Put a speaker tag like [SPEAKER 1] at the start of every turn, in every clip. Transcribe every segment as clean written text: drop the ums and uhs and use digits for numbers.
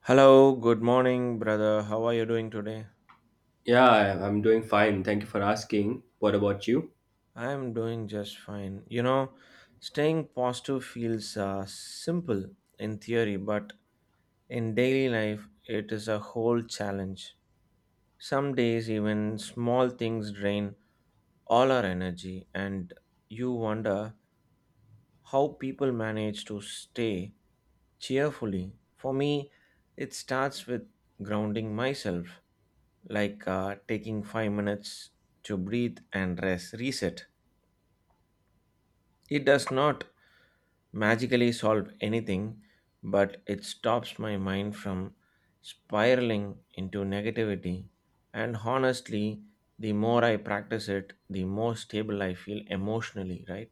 [SPEAKER 1] Hello, good morning, brother. How are you doing today?
[SPEAKER 2] Yeah, I'm doing fine. Thank you for asking. What about you?
[SPEAKER 1] I am doing just fine. You know, staying positive feels simple in theory, but in daily life, it is a whole challenge. Some days, even small things drain all our energy, and you wonder how people manage to stay cheerfully. For me, it starts with grounding myself, like taking 5 minutes to breathe and rest, reset. It does not magically solve anything, but it stops my mind from spiraling into negativity. And honestly, the more I practice it, the more stable I feel emotionally, right?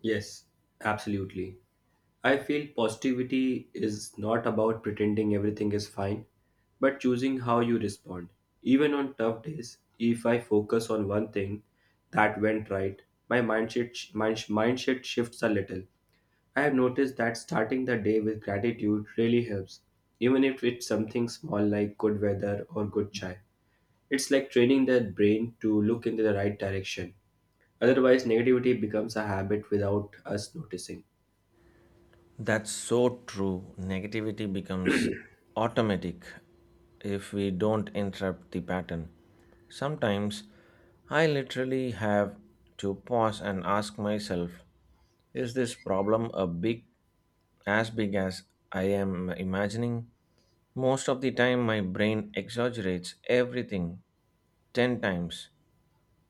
[SPEAKER 2] Yes, absolutely. I feel positivity is not about pretending everything is fine, but choosing how you respond. Even on tough days, if I focus on one thing that went right, my mindset sh- mind mindset shifts a little. I have noticed that starting the day with gratitude really helps, even if it's something small like good weather or good chai. It's like training the brain to look in the right direction. Otherwise, negativity becomes a habit without us noticing.
[SPEAKER 1] That's so true. Negativity becomes automatic if we don't interrupt the pattern. Sometimes I literally have to pause and ask myself, is this problem a big as I am imagining? Most of the time my brain exaggerates everything 10 times.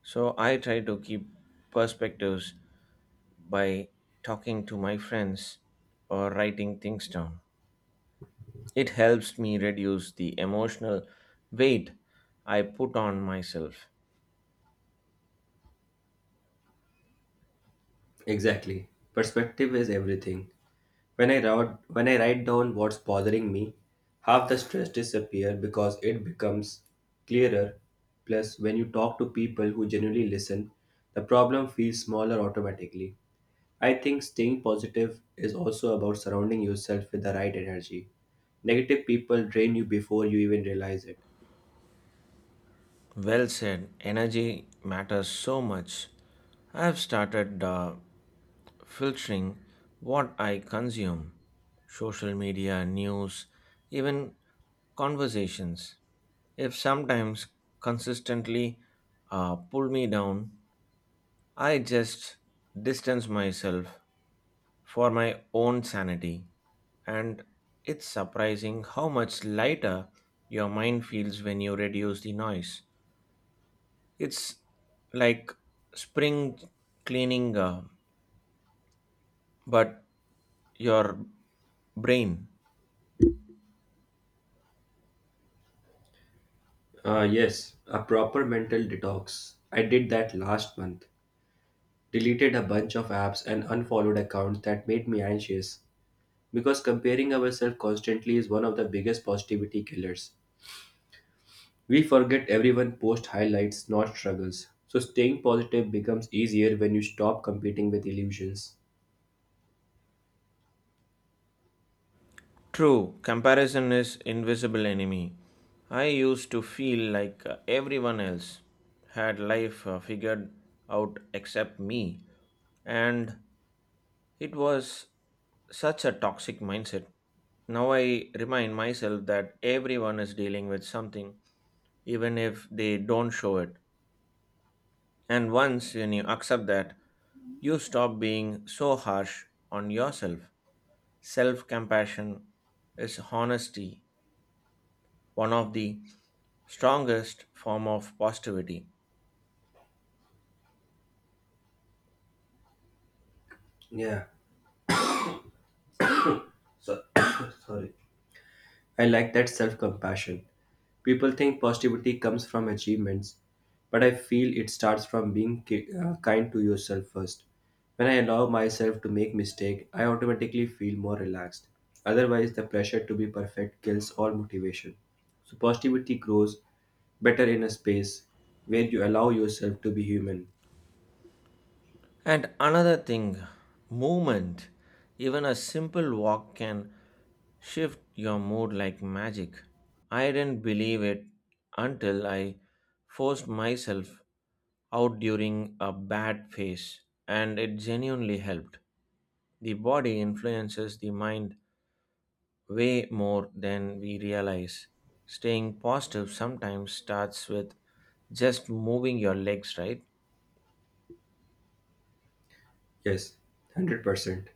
[SPEAKER 1] So I try to keep perspectives by talking to my friends or writing things down. It helps me reduce the emotional weight I put on myself.
[SPEAKER 2] Exactly. Perspective is everything. When I write down what's bothering me, half the stress disappears because it becomes clearer. Plus, when you talk to people who genuinely listen, the problem feels smaller automatically. I think staying positive is also about surrounding yourself with the right energy. Negative people drain you before you even realize it.
[SPEAKER 1] Well said, energy matters so much. I have started filtering what I consume: social media, news, even conversations. If sometimes consistently pull me down, I just distance myself for my own sanity. And it's surprising how much lighter your mind feels when you reduce the noise. It's like spring cleaning, but your brain.
[SPEAKER 2] Yes, a proper mental detox. I did that last month. Deleted a bunch of apps and unfollowed accounts that made me anxious. Because comparing ourselves constantly is one of the biggest positivity killers. We forget everyone posts highlights, not struggles. So staying positive becomes easier when you stop competing with illusions.
[SPEAKER 1] True, comparison is invisible enemy. I used to feel like everyone else had life figured out except me, and it was such a toxic mindset. Now I remind myself that everyone is dealing with something, even if they don't show it. And once when you accept that, you stop being so harsh on yourself. Self compassion is honesty, one of the strongest form of positivity.
[SPEAKER 2] Yeah. So sorry. I like that self compassion. People think positivity comes from achievements, but I feel it starts from being kind to yourself first. When I allow myself to make mistake, I automatically feel more relaxed. Otherwise, the pressure to be perfect kills all motivation. So positivity grows better in a space where you allow yourself to be human.
[SPEAKER 1] And another thing, movement. Even a simple walk can shift your mood like magic. I didn't believe it until I forced myself out during a bad phase, and it genuinely helped. The body influences the mind way more than we realize. Staying positive sometimes starts with just moving your legs, right?
[SPEAKER 2] Yes, 100%.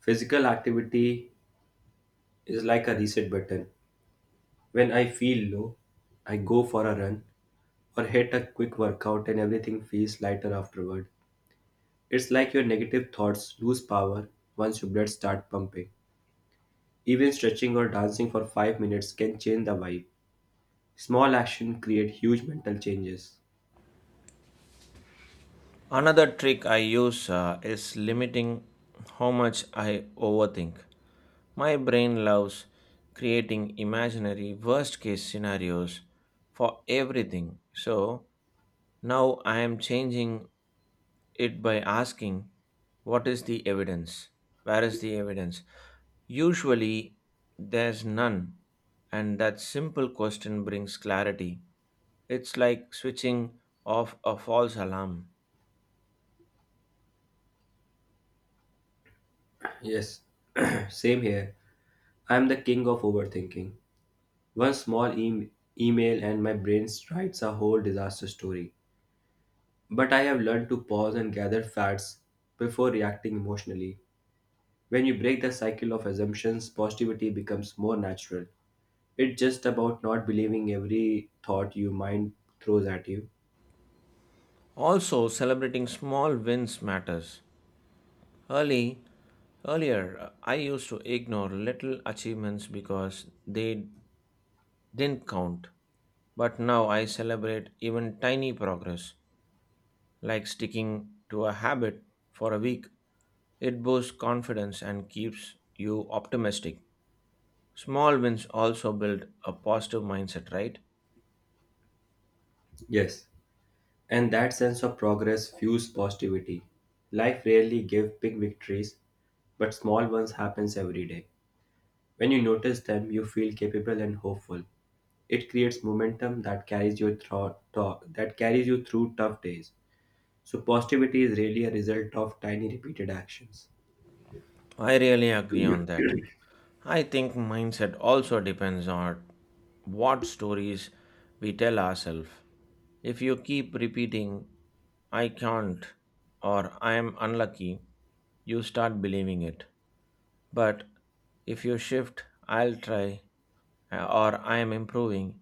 [SPEAKER 2] Physical activity is like a reset button. When I feel low, I go for a run or hit a quick workout and everything feels lighter afterward. It's like your negative thoughts lose power once your blood starts pumping. Even stretching or dancing for 5 minutes can change the vibe. Small action create huge mental changes.
[SPEAKER 1] Another trick I use is limiting how much I overthink. My brain loves creating imaginary worst case scenarios for everything. So now I am changing it by asking, what is the evidence? Where is the evidence? Usually there's none, and that simple question brings clarity. It's like switching off a false alarm.
[SPEAKER 2] Yes, same here. I'm the king of overthinking. One small e- email and my brain writes a whole disaster story. But I have learned to pause and gather facts before reacting emotionally. When you break the cycle of assumptions, positivity becomes more natural. It's just about not believing every thought your mind throws at you.
[SPEAKER 1] Also, celebrating small wins matters. Early, earlier, I used to ignore little achievements because they didn't count. But now I celebrate even tiny progress, like sticking to a habit for a week. It boosts confidence and keeps you optimistic. Small wins also build a positive mindset, right?
[SPEAKER 2] Yes, and that sense of progress fuels positivity. Life rarely gives big victories, but small ones happens every day. When you notice them, you feel capable and hopeful. It creates momentum that carries you through tough days. So positivity is really a result of tiny repeated actions.
[SPEAKER 1] I really agree on that. I think mindset also depends on what stories we tell ourselves. If you keep repeating, I can't, or I am unlucky, you start believing it. But if you shift, I'll try, or I am improving,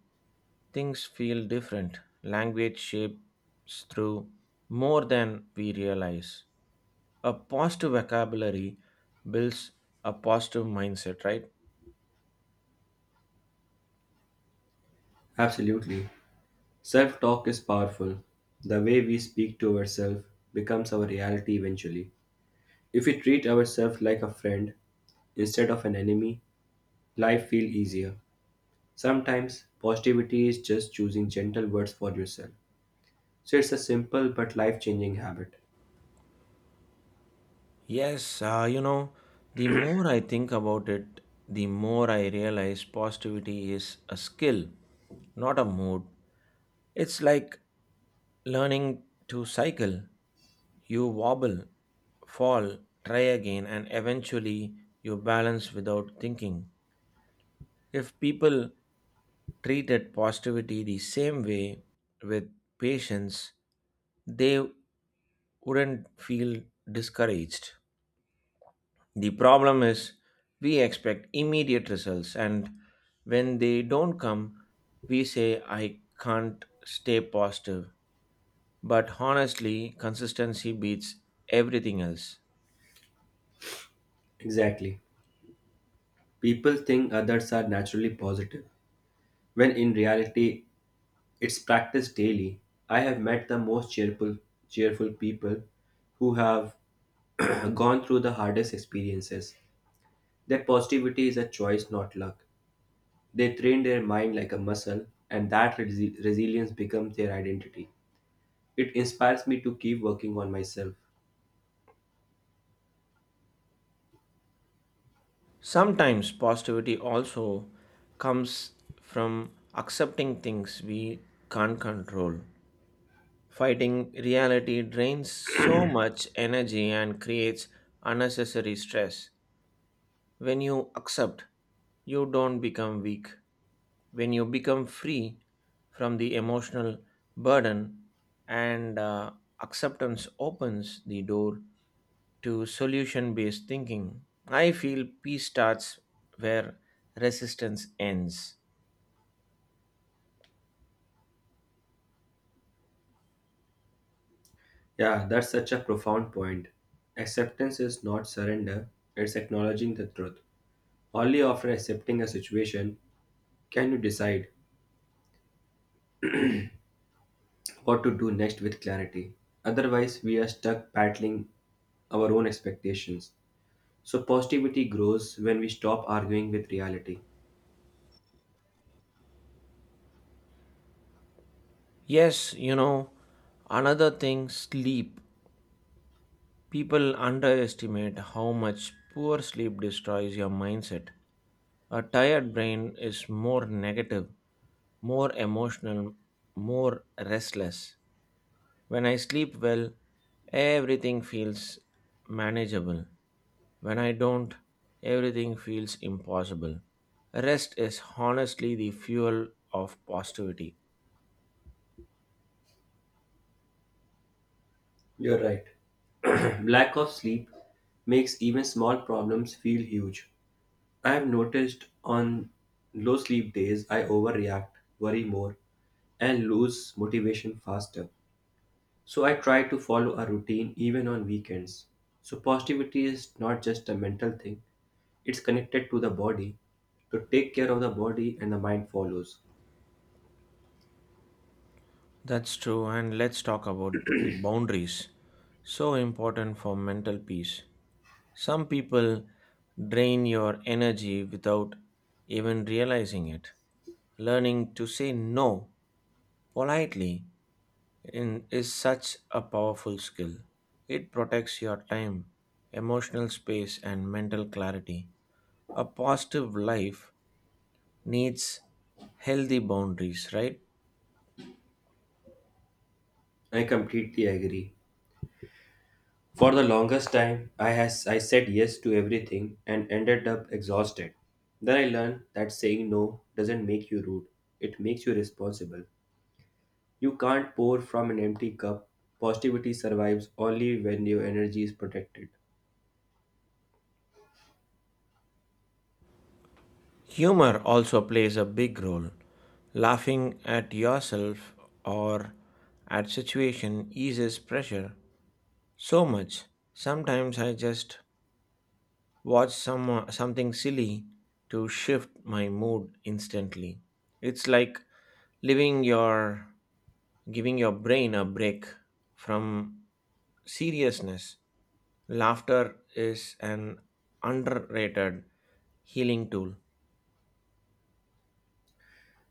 [SPEAKER 1] things feel different. Language shapes through more than we realize. A positive vocabulary builds a positive mindset, right?
[SPEAKER 2] Absolutely. Self talk is powerful. The way we speak to ourselves becomes our reality eventually. If we treat ourselves like a friend instead of an enemy, life feels easier. Sometimes positivity is just choosing gentle words for yourself. So it's a simple but life changing habit.
[SPEAKER 1] Yes, the more I think about it, the more I realize positivity is a skill, not a mood. It's like learning to cycle. You wobble, fall, try again, and eventually you balance without thinking. If people treated positivity the same way, with patience, they wouldn't feel discouraged. The problem is we expect immediate results, and when they don't come, we say, I can't stay positive. But honestly, consistency beats everything else.
[SPEAKER 2] Exactly. People think others are naturally positive, when in reality, it's practiced daily. I have met the most cheerful people who have gone through the hardest experiences. That positivity is a choice, not luck. They train their mind like a muscle, and resilience becomes their identity. It inspires me to keep working on myself.
[SPEAKER 1] Sometimes positivity also comes from accepting things we can't control. Fighting reality drains so much energy and creates unnecessary stress. When you accept, you don't become weak. When you become free from the emotional burden and acceptance opens the door to solution based thinking. I feel peace starts where resistance ends.
[SPEAKER 2] Yeah, that's such a profound point. Acceptance is not surrender, it's acknowledging the truth. Only after accepting a situation can you decide what to do next with clarity. Otherwise, we are stuck battling our own expectations. So, positivity grows when we stop arguing with reality.
[SPEAKER 1] Yes, you know, another thing: sleep. People underestimate how much poor sleep destroys your mindset. A tired brain is more negative, more emotional, more restless. When I sleep well, everything feels manageable. When I don't, everything feels impossible. Rest is honestly the fuel of positivity.
[SPEAKER 2] You're right. Lack of sleep makes even small problems feel huge. I have noticed on low sleep days, I overreact, worry more, and lose motivation faster. So I try to follow a routine even on weekends. So positivity is not just a mental thing, it's connected to the body. To take care of the body and the mind follows.
[SPEAKER 1] That's true, and let's talk about the boundaries. So important for mental peace. Some people drain your energy without even realizing it. Learning to say no politely in, is such a powerful skill. It protects your time, emotional space, and mental clarity. A positive life needs healthy boundaries, right?
[SPEAKER 2] I completely agree. For the longest time, I said yes to everything and ended up exhausted. Then I learned that saying no doesn't make you rude; it makes you responsible. You can't pour from an empty cup. Positivity survives only when your energy is protected.
[SPEAKER 1] Humor also plays a big role. Laughing at yourself or at situation eases pressure so much. Sometimes I just watch some something silly to shift my mood instantly. It's like living your giving your brain a break from seriousness. Laughter is an underrated healing tool.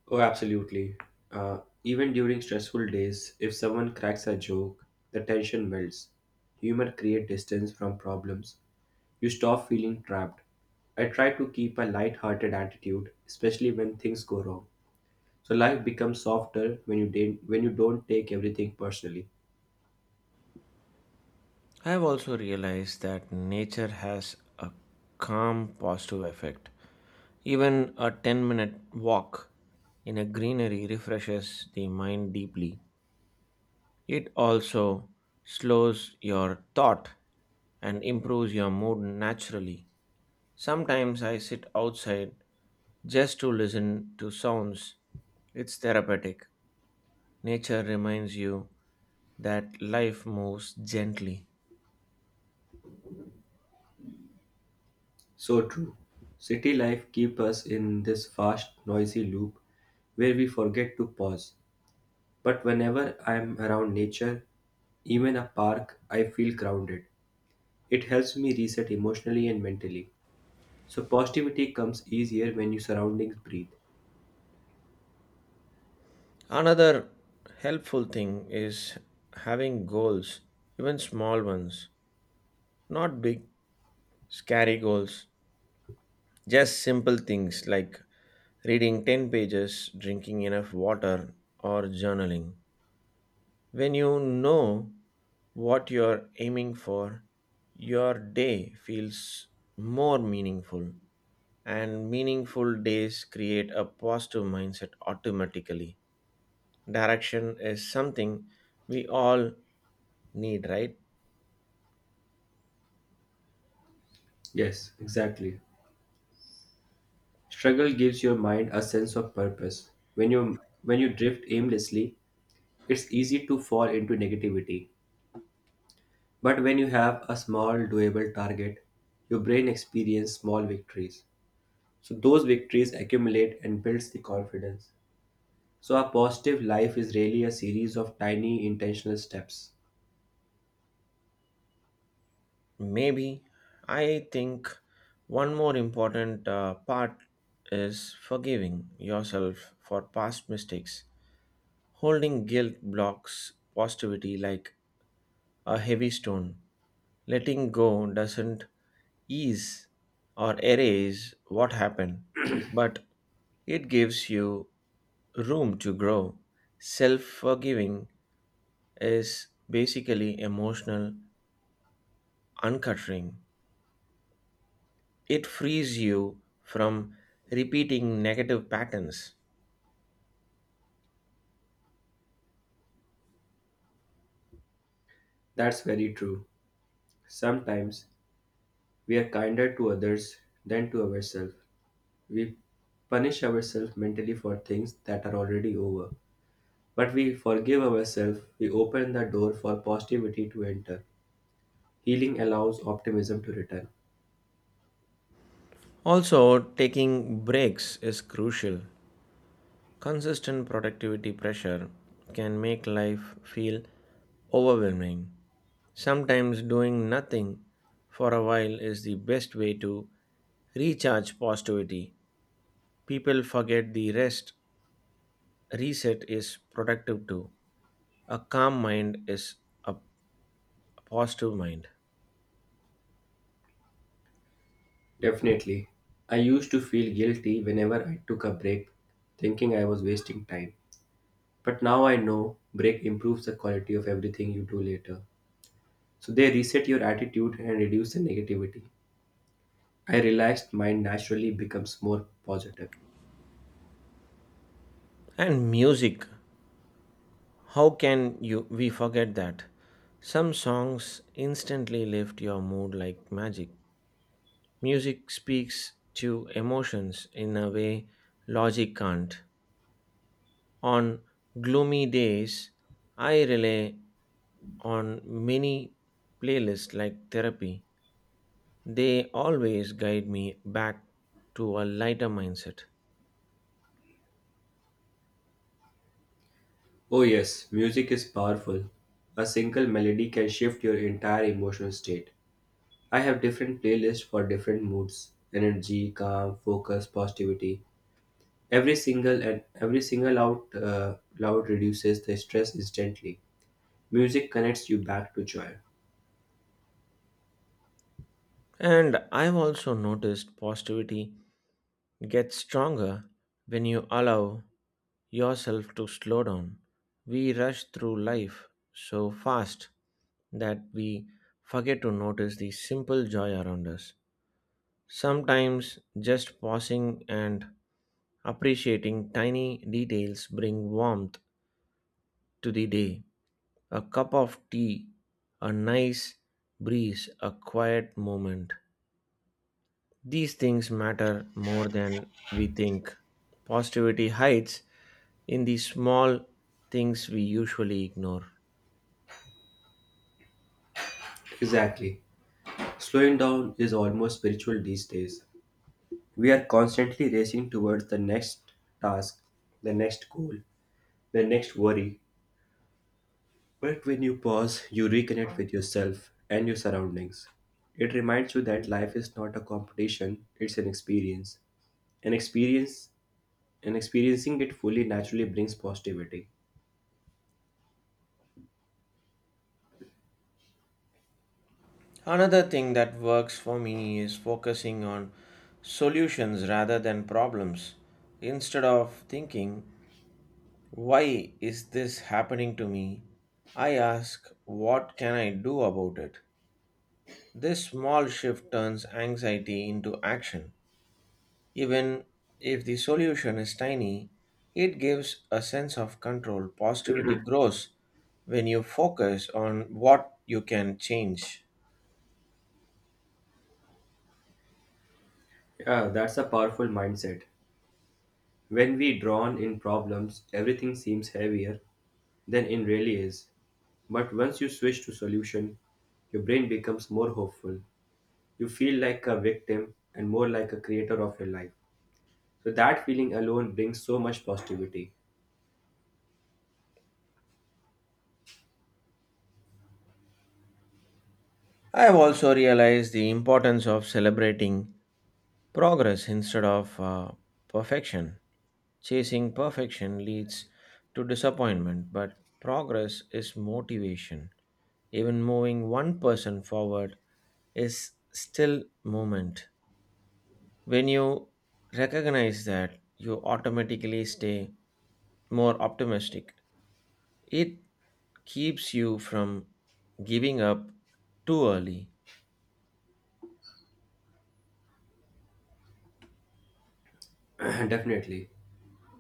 [SPEAKER 2] Oh, absolutely. Even during stressful days, if someone cracks a joke, the tension melts. Humor creates distance from problems. You stop feeling trapped. I try to keep a light-hearted attitude, especially when things go wrong. So life becomes softer when you didn't, when you don't take everything personally.
[SPEAKER 1] I have also realized that nature has a calm positive effect. Even a 10-minute walk in a greenery refreshes the mind deeply. It also slows your thought and improves your mood naturally. Sometimes I sit outside just to listen to sounds. It's therapeutic. Nature reminds you that life moves gently.
[SPEAKER 2] So true. City life keeps us in this fast, noisy loop where we forget to pause. But whenever I am around nature, even a park, I feel grounded. It helps me reset emotionally and mentally. So positivity comes easier when your surroundings breathe.
[SPEAKER 1] Another helpful thing is having goals, even small ones, not big, scary goals, just simple things like reading 10 pages, drinking enough water, or journaling. When you know what you're aiming for, your day feels more meaningful, and meaningful days create a positive mindset automatically. Direction is something we all need, right?
[SPEAKER 2] Yes, exactly. Struggle gives your mind a sense of purpose. When you drift aimlessly, it's easy to fall into negativity. But when you have a small, doable target, your brain experiences small victories. So those victories accumulate and builds the confidence. So a positive life is really a series of tiny intentional steps.
[SPEAKER 1] Maybe I think one more important part is forgiving yourself for past mistakes. Holding guilt blocks positivity like a heavy stone. Letting go doesn't ease or erase what happened, but it gives you room to grow. Self forgiving is basically emotional uncuttering, it frees you from repeating negative patterns.
[SPEAKER 2] That's very true. Sometimes we are kinder to others than to ourselves. We punish ourselves mentally for things that are already over. But we forgive ourselves, we open the door for positivity to enter. Healing allows optimism to return.
[SPEAKER 1] Also, taking breaks is crucial. Consistent productivity pressure can make life feel overwhelming. Sometimes doing nothing for a while is the best way to recharge positivity. People forget the rest reset is productive too. A calm mind is a positive mind.
[SPEAKER 2] Definitely. I used to feel guilty whenever I took a break, thinking I was wasting time. But now I know break improves the quality of everything you do later. So they reset your attitude and reduce the negativity. I realized mine naturally becomes more positive.
[SPEAKER 1] And music, how can you we forget that? Some songs instantly lift your mood like magic. Music speaks to emotions in a way logic can't. On gloomy days, I rely on many playlists like therapy, they always guide me back to a lighter mindset.
[SPEAKER 2] Oh yes, music is powerful. A single melody can shift your entire emotional state. I have different playlists for different moods energy, calm, focus, positivity. Every single out loud reduces the stress instantly. Music connects you back to joy.
[SPEAKER 1] And I've also noticed positivity gets stronger when you allow yourself to slow down. We rush through life so fast that we forget to notice the simple joy around us. Sometimes just pausing and appreciating tiny details bring warmth to the day. A cup of tea, a nice breeze, a quiet moment. These things matter more than we think. Positivity hides in the small things we usually ignore.
[SPEAKER 2] Exactly. Slowing down is almost spiritual these days. We are constantly racing towards the next task, the next goal, the next worry. But when you pause, you reconnect with yourself and your surroundings. It reminds you that life is not a competition, it's an experience. An experience and Experiencing it fully naturally brings positivity.
[SPEAKER 1] Another thing that works for me is focusing on solutions rather than problems. Instead of thinking, why is this happening to me? I ask, what can I do about it? This small shift turns anxiety into action. Even if the solution is tiny, it gives a sense of control. Positivity grows when you focus on what you can change.
[SPEAKER 2] Yeah, that's a powerful mindset. When we drown in problems, everything seems heavier than it really is. But once you switch to solution, your brain becomes more hopeful. You feel like a victim and more like a creator of your life. So that feeling alone brings so much positivity.
[SPEAKER 1] I have also realized the importance of celebrating progress instead of perfection. Chasing perfection leads to disappointment, but progress is motivation. Even moving one person forward is still moment. When you recognize that, you automatically stay more optimistic. It keeps you from giving up too early.
[SPEAKER 2] Definitely.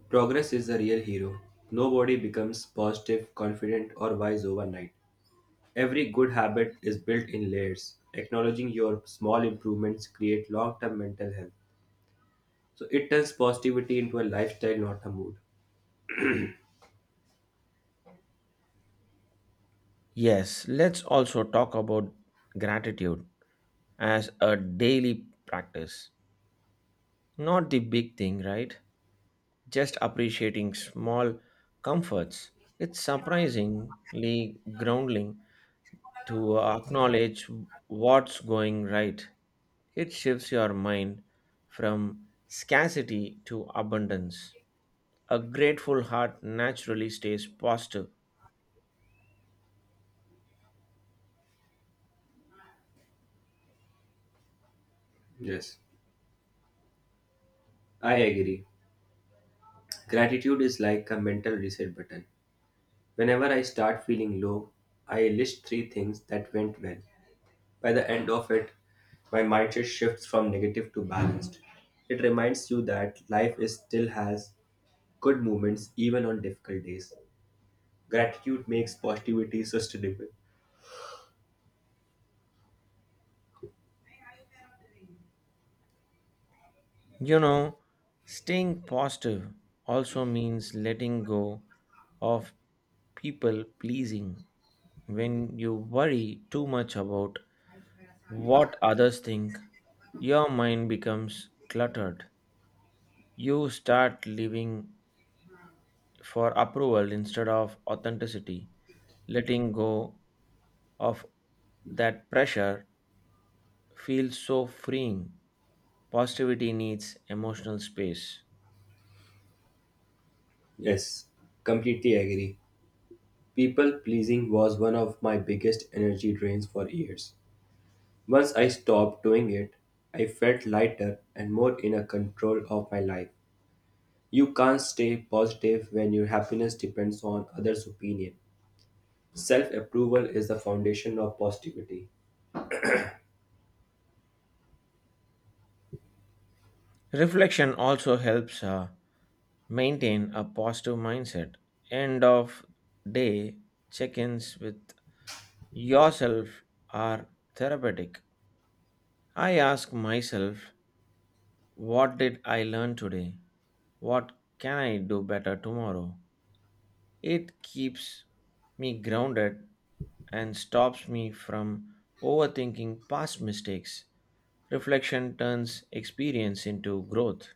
[SPEAKER 2] Progress is the real hero. Nobody becomes positive, confident, or wise overnight. Every good habit is built in layers. Acknowledging your small improvements create long-term mental health. So it turns positivity into a lifestyle, not a mood.
[SPEAKER 1] Yes, let's also talk about gratitude as a daily practice. Not the big thing, right? Just appreciating small comforts. It's surprisingly grounding to acknowledge what's going right. It shifts your mind from scarcity to abundance. A grateful heart naturally stays positive.
[SPEAKER 2] Yes. I agree. Gratitude is like a mental reset button. Whenever I start feeling low, I list 3 things that went well. By the end of it, my mindset shifts from negative to balanced. It reminds you that life is still has good moments even on difficult days. Gratitude makes positivity sustainable.
[SPEAKER 1] You know, staying positive also means letting go of people pleasing. When you worry too much about what others think, your mind becomes cluttered. You start living for approval instead of authenticity. Letting go of that pressure feels so freeing. Positivity needs emotional space.
[SPEAKER 2] Yes, completely agree. People pleasing was one of my biggest energy drains for years. Once I stopped doing it, I felt lighter and more in a control of my life. You can't stay positive when your happiness depends on others' opinion. Self approval is the foundation of positivity.
[SPEAKER 1] Reflection also helps maintain a positive mindset. End of day check ins with yourself are therapeutic. I ask myself, what did I learn today? What can I do better tomorrow? It keeps me grounded and stops me from overthinking past mistakes. Reflection turns experience into growth.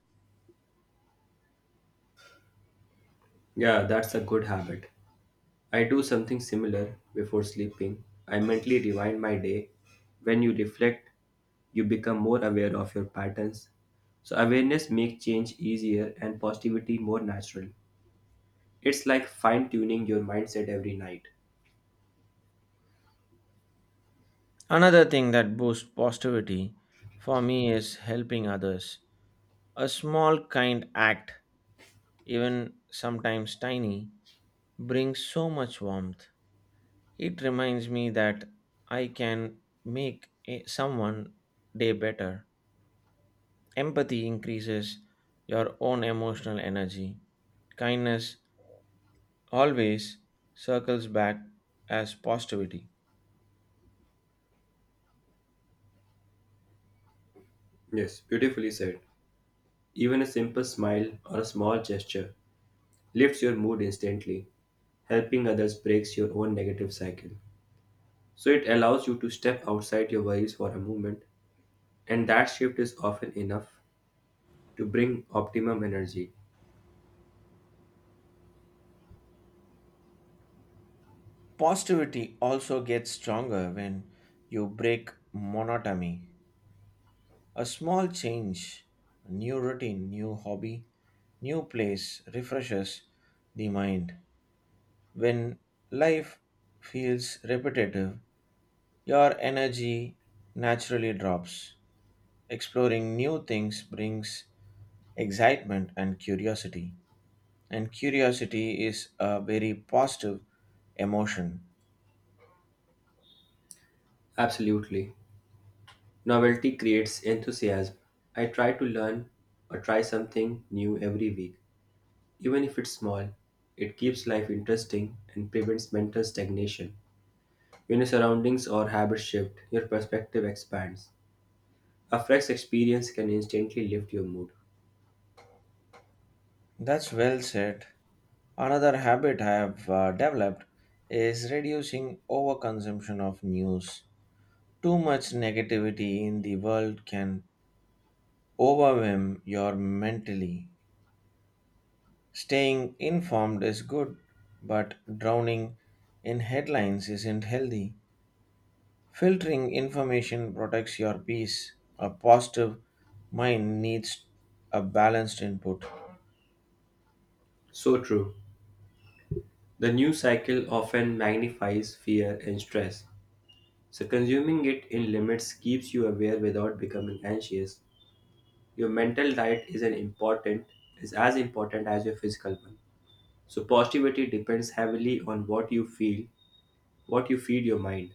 [SPEAKER 2] Yeah, that's a good habit. I do something similar before sleeping. I mentally rewind my day. When you reflect, you become more aware of your patterns. So, awareness makes change easier and positivity more natural. It's like fine tuning your mindset every night.
[SPEAKER 1] Another thing that boosts positivity for me is helping others. A small kind act, even sometimes tiny, brings so much warmth. It reminds me that I can make a- someone day better. Empathy increases your own emotional energy. Kindness always circles back as positivity.
[SPEAKER 2] Yes, beautifully said. Even a simple smile or a small gesture lifts your mood instantly. Helping others breaks your own negative cycle. So it allows you to step outside your worries for a moment, and that shift is often enough to bring optimum energy.
[SPEAKER 1] Positivity also gets stronger when you break monotony. A small change, new routine, new hobby, new place refreshes the mind. When life feels repetitive, your energy naturally drops. Exploring new things brings excitement and curiosity. And curiosity is a very positive emotion.
[SPEAKER 2] Absolutely. Novelty creates enthusiasm. I try to learn or try something new every week. Even if it's small, it keeps life interesting and prevents mental stagnation. When your surroundings or habits shift, your perspective expands. A fresh experience can instantly lift your mood.
[SPEAKER 1] That's well said. Another habit I have developed is reducing overconsumption of news. Too much negativity in the world can overwhelm your mentally. Staying informed is good, but drowning in headlines isn't healthy. Filtering information protects your peace. A positive mind needs a balanced input.
[SPEAKER 2] So true. The news cycle often magnifies fear and stress. So, consuming it in limits keeps you aware without becoming anxious. Your mental diet is as important as your physical one. So positivity depends heavily on what you feed your mind.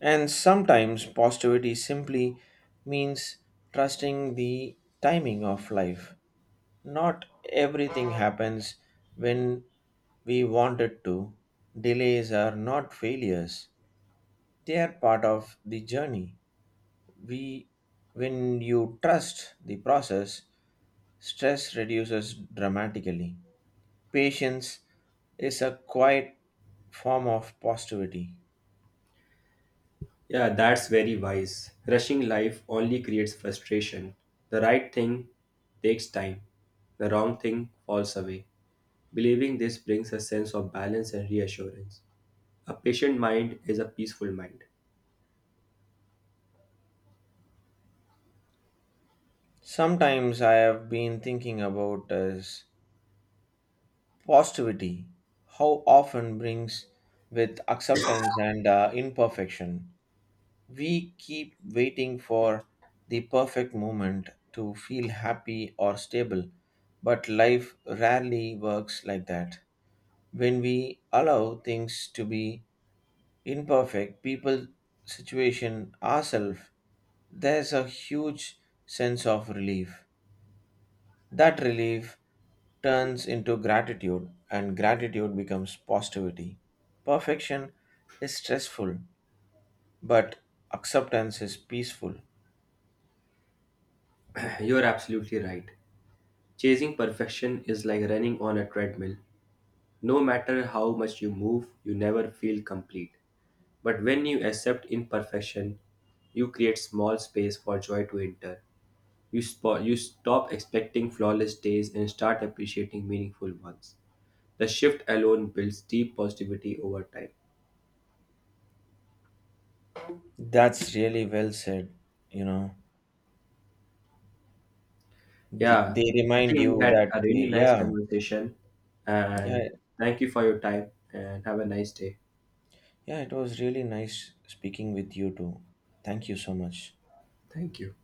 [SPEAKER 1] And sometimes positivity simply means trusting the timing of life. Not everything happens when we want it to. Delays are not failures, they are part of the journey. We, when you trust the process, stress reduces dramatically. Patience is a quiet form of positivity.
[SPEAKER 2] Yeah, that's very wise. Rushing life only creates frustration. The right thing takes time, the wrong thing falls away. Believing this brings a sense of balance and reassurance. A patient mind is a peaceful mind.
[SPEAKER 1] Sometimes I have been thinking about is positivity, how often brings with acceptance and imperfection. We keep waiting for the perfect moment to feel happy or stable, but life rarely works like that. When we allow things to be imperfect, people, situation, ourselves, there's a huge sense of relief. That relief turns into gratitude, and gratitude becomes positivity. Perfection is stressful, but acceptance is peaceful.
[SPEAKER 2] You're absolutely right. Chasing perfection is like running on a treadmill. No matter how much you move, you never feel complete. But when you accept imperfection, you create small space for joy to enter. You stop expecting flawless days and start appreciating meaningful ones. The shift alone builds deep positivity over time.
[SPEAKER 1] That's really well said. You know, th-
[SPEAKER 2] Yeah,
[SPEAKER 1] they
[SPEAKER 2] I
[SPEAKER 1] remind
[SPEAKER 2] think we
[SPEAKER 1] you
[SPEAKER 2] had
[SPEAKER 1] that,
[SPEAKER 2] a really nice
[SPEAKER 1] yeah,
[SPEAKER 2] conversation, and
[SPEAKER 1] yeah,
[SPEAKER 2] thank you for your time and have a nice day.
[SPEAKER 1] yeah, it was really nice speaking with you too. Thank you so much.
[SPEAKER 2] Thank you.